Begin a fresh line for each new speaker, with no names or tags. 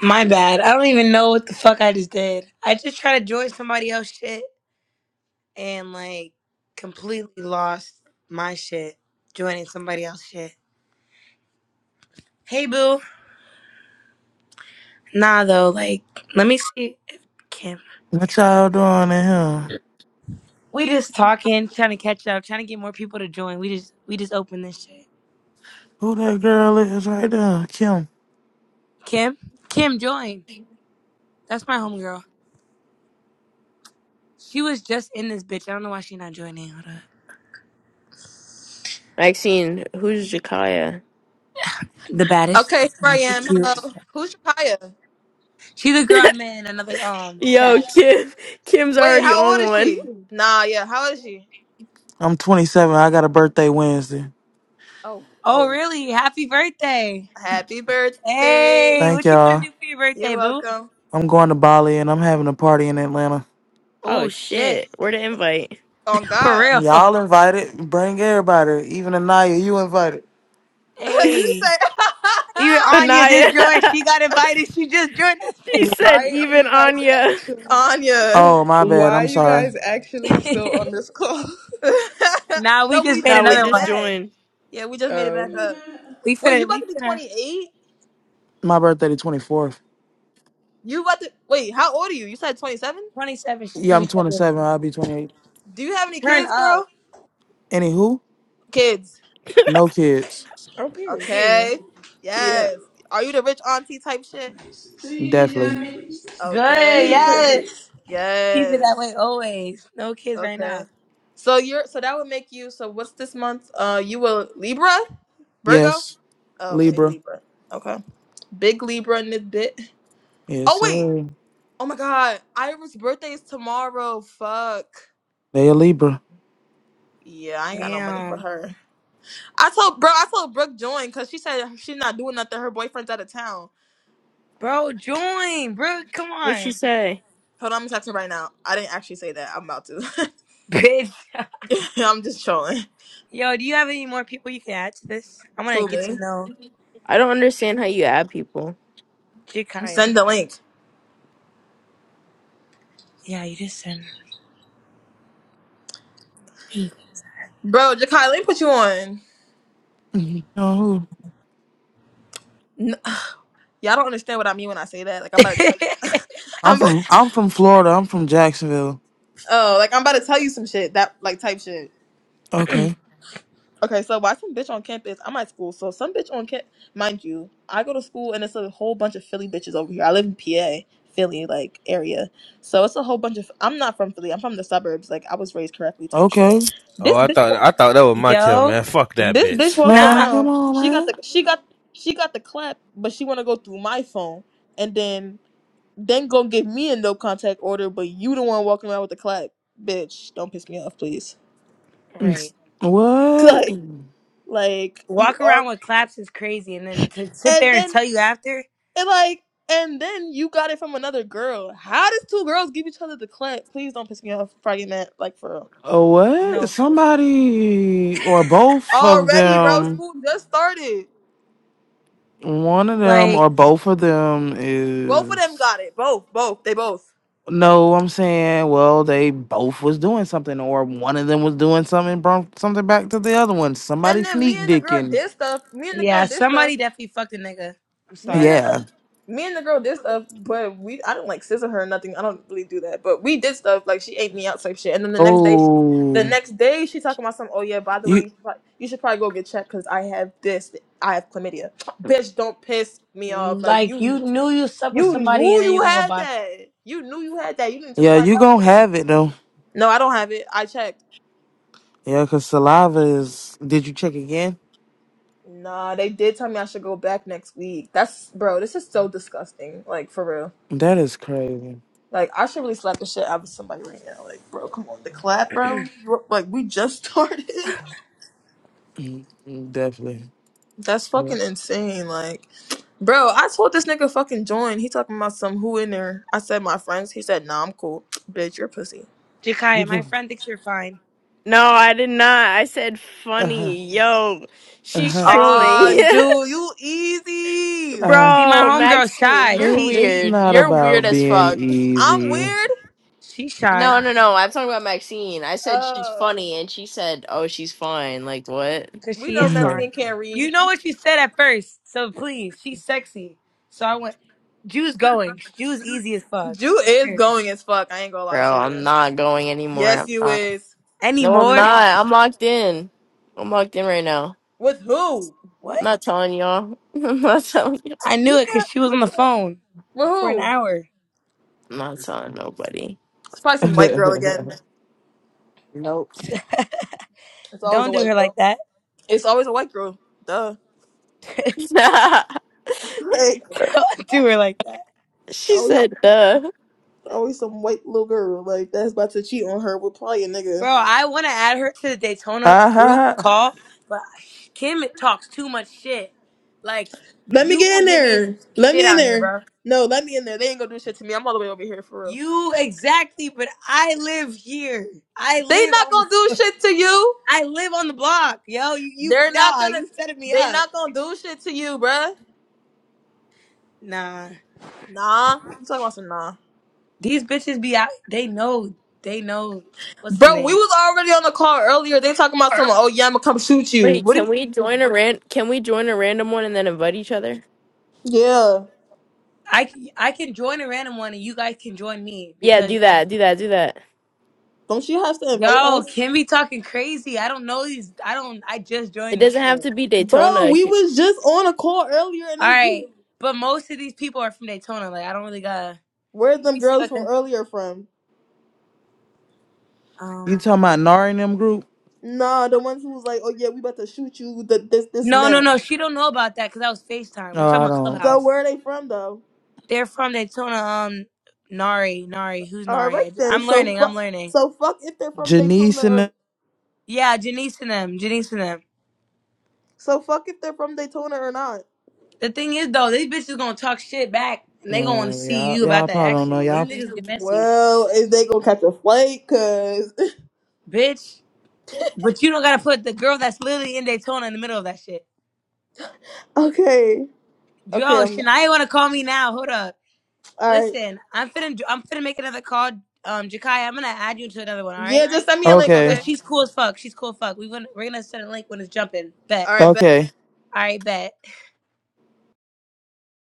My bad. I don't even know what the fuck I just did. I just tried to join somebody else shit and like completely lost my shit joining somebody else shit. Hey boo. Nah though, like let me see if Kim.
What y'all doing in here?
We just talking, trying to catch up, trying to get more people to join. We just we just opened this shit.
Who that girl is right there? Kim.
Kim? Kim join. That's my homegirl. She was just in this bitch. I don't know why she not joining. Hold up.
Maxine, who's Jakaya?
The baddest.
Okay, here I
She
am.
cute.
Hello. Who's Shakaya?
She's a girl I met in another um
Yo,
chat.
Kim. Kim's
Wait,
already
how old
on
is
one.
she? Nah, yeah, how old is she?
I'm 27. I got a birthday Wednesday.
Oh,
Oh,
oh.
really? Happy birthday.
Happy birthday.
Hey,
Thank
what you finna
y'all.
do for your
You're
birthday, boo?
welcome.
I'm going to Bali and I'm having a party in Atlanta.
Oh
Oh, shit.
shit. Where the invite?
On
For
God.
real.
Y'all invited. Bring everybody. Even Anaya, you invited.
she
Hey.
said,
Even Anya just joined.
Anaya.
She got invited. She just joined
she said
Why are
even
you guys
Anya.
actually?
Anya.
Oh, my bad.
Why are
I'm
you
sorry.
guys actually still
us.
on this call?
nah,
no,
we just
we
made
just
No, we
made
another
it
just
one.
back.
joined.
Yeah, we just made it back
Um,
up.
We
Wait, you
finna,
about
we
to be
finna,
28?
My birthday the 24th.
You about to, wait, how old are you? You said 27?
27. She
Yeah,
finna be
I'm
21.
27. I'll be 28.
Do you have any
Turn
kids,
up,
girl?
Anywho,
Kids.
no kids.
okay.
period.
Okay.
Yeah.
Yes. Are you the rich auntie type shit?
Definitely.
Good,
Okay.
yes. Keep it that
Yes.
way always. No kids right
Okay.
now.
So you're so that would make you so what's this month? Uh you will Libra? Virgo?
Yes.
Oh, Okay,
Libra.
Libra. Okay. Big Libra in this bit.
Yes,
Oh wait.
sir.
Oh my god. Ira's birthday is tomorrow. Fuck.
They a Libra.
Yeah, I ain't got no money for
Damn.
her. I told bro, I told Brooke join because she said she's not doing nothing. Her boyfriend's out of town.
Bro, join, bro. Come
What'd she
on.
say?
Hold on, I'm gonna text her right now. I didn't actually say that. I'm about to.
Bitch.
I'm just trolling.
Yo, do you have any more people you can add to this? I want to
Who
get to
me?
know
I don't understand how you add people.
You
Jakaya.
send the
Jakaya.
link.
Yeah, you just said.
Bro, Jakai, let me put you on.
You know who?
N- Y'all don't understand what I mean when I say that. Like I'm about to tell you.
I'm
I'm about,
from I'm from Florida. I'm from Jacksonville.
oh, like I'm about to tell you some shit that like type shit.
Okay.
Okay, so why some bitch on campus? I'm at school, so some bitch on campus. Mind you, I go to school and it's a whole bunch of Philly bitches over here. I live in PA, Philly like area, so it's a whole bunch of. I'm not from Philly. I'm from the suburbs. Like I was raised correctly, type shit.
Okay.
Oh,
This
I
bitch,
thought
wa-
I thought that was my kill,
Yo,
man. Fuck that
this bitch
bitch.
walking
nah.
Man, come
around. She got
on,
the she got she got the clap, but she want to go through my phone and then Then gonna give me a no contact order, but you the one walking around with the clap. Bitch, don't piss me off, please.
man.
Right.
What?
Like, like you
Walk
are,
around with claps is crazy, and then to sit
and
there and
then
tell you after,
and like, and then you got it from another girl. How does two girls give each other the clap? Please don't piss me off. Probably meant like for real.
A What?
no. for-
Somebody or both of
Already, bro.
them,
School just started.
one of them
Like,
or both of them
Both of them
is.
got it. Both, both. They both.
No, I'm saying, well, they both was doing something, or one of them was doing something, brought something back to the other one. Somebody
And then
sneak
me and the girl
dicking.
did stuff. Me and the girl
yeah,
did stuff.
somebody definitely fucked a nigga. I'm
Me and the
sorry.
Yeah.
girl, me and the girl did stuff, but we I didn't like scissor her or nothing. I don't really do that, but we did stuff like she ate me out type shit. And then the next day, the
Oh,
next day she talking about some. Oh yeah, by the way,
you.
you should, prob- you should probably go get checked because I have this. I have chlamydia. Bitch, don't piss me off. Like
Like,
you,
you knew you slept with
you
somebody,
knew
and then you
you
gonna go
had
by.
that. You knew you had that. You didn't just
Yeah,
find
you
out
gonna
today.
have it though.
No, I don't have it. I checked.
Yeah, cause saliva is. Did you check again?
Nah, they did tell me I should go back next week. That's bro. This is so disgusting. Like for real.
That is crazy.
Like I should really slap the shit out of somebody right now. Like, bro, come on, the clap, bro. Like we just started.
Mm, mm, Definitely.
That's
But
fucking insane. Like, bro, I told this nigga fucking join. He talking about some who in there. I said my friends. He said nah, I'm cool. Bitch, you're pussy.
you
Jakaya, my
go.
friend thinks you're fine.
No, I did not. I said
Uh huh.
funny. Yo,
Uh
she's
She's
huh.
sexy as
trolling.
Ah,
fuck.
dude, you easy.
Uh,
See, my
Bro,
homegirl
Maxine,
shy.
you're
it,
She
it's
she
weird.
not
You're weird
about
as
being
fuck.
I'm
easy.
weird.
she shy.
No, no, no. I'm talking about Maxine. I said she's
Uh,
funny, and she said, "Oh, she's fine." Like what,
Cause
we
she
know
is
uh
fine.
Maxine can't read.
You know what you said at first, so please, she's sexy. So I went. Jew's going. Jew's easy as fuck.
Jew
Look at
is
her.
going as fuck. I ain't gonna lie
bro?
to
I'm
you.
not going anymore.
Yes,
I'm
you
not.
is.
No, I'm
Anymore?
not. I'm locked in. I'm locked in right now.
With who?
What?
I'm not telling y'all. I'm not telling you.
I knew it
Look
because
at
she was on the phone
with
for an
who?
hour.
I'm not telling nobody.
It's probably some white girl again.
Nope.
It's always
Don't
a
do
white
her
girl.
like that.
It's always a white girl. Duh. Like
Don't do her like that,
she
always,
said, "Duh."
always some white little girl like that's about to cheat on her with probably a nigga.
bro. I want to add her to the Daytona group
huh.
call, but Kim talks too much shit. Like
Let me
you
get in
gonna get me into
there.
some
Let
shit
me in
out here,
there.
bro.
No, let me in there. They ain't gonna do shit to me. I'm all the way over here for real.
You exactly, but I live here. I
They
live
not
on
gonna
this.
do shit to you.
I live on the block, yo. You, you
They're not
nah,
gonna.
you setting me
They
up.
not gonna do shit to you, bruh.
Nah,
Nah, you talking about some nah,
these bitches be out. They know. They know. What's the
bro? We
name?
was already on the call earlier. They talking about some. Oh yeah, I'ma come shoot you.
Wait,
What? Do
can
you-
we join a ran? Can we join a random one and then invite each other?
yeah.
I c- I can join a random one, and you guys can join me
Yeah, do
because
that. Do that. Do that.
Don't you have to invite
yo,
us?
Kim be talking crazy. I don't know these. I don't. I just
It
joined this
doesn't have
shit.
to be
Bro,
Daytona.
we was just on a call earlier, and
All
they these
right, but most of these people are from Daytona. Like I don't really gotta.
where
Let
them
me see.
girls from
Okay.
earlier from?
You
Um.
talking about Nari and them group?
Nah, the ones who was like, oh yeah, we about to shoot you, the, this, this, and
No, no,
that.
no. She don't know about that because I was Facetime. We're
No,
talking
I
about
don't.
So
Clubhouse.
where are they from though?
They're from Daytona. Um, Nari, Nari, who's
All
Nari?
right
I-
then.
I'm
So
learning. I'm
fuck.
learning.
So fuck if they're from Daytona
Janice and
or
them.
Yeah, Janice and them. Janice and them.
so fuck if they're from Daytona or not.
The thing is though, these bitches gonna talk shit back, and they gonna want to
Uh,
see you
y'all,
about
y'all
that
probably don't know
action. These
y'all.
niggas get messy,
Well, is they gonna catch a flight? Cause
bitch. But you don't gotta put the girl that's literally in Daytona in the middle of that shit.
okay,
Yo,
okay, I'm
Shania wanna call me now. Hold up.
all right.
Listen, I'm finna I'm finna make another call. Um, Jakaya, I'm gonna add you to another one. All
Yeah,
right?
just send me a link,
Okay.
Cause
okay?
she's cool as fuck. She's cool as fuck. We gonna we're gonna send a link when it's jumping.
All
Bet.
right, bet.
Okay.
All right, bet.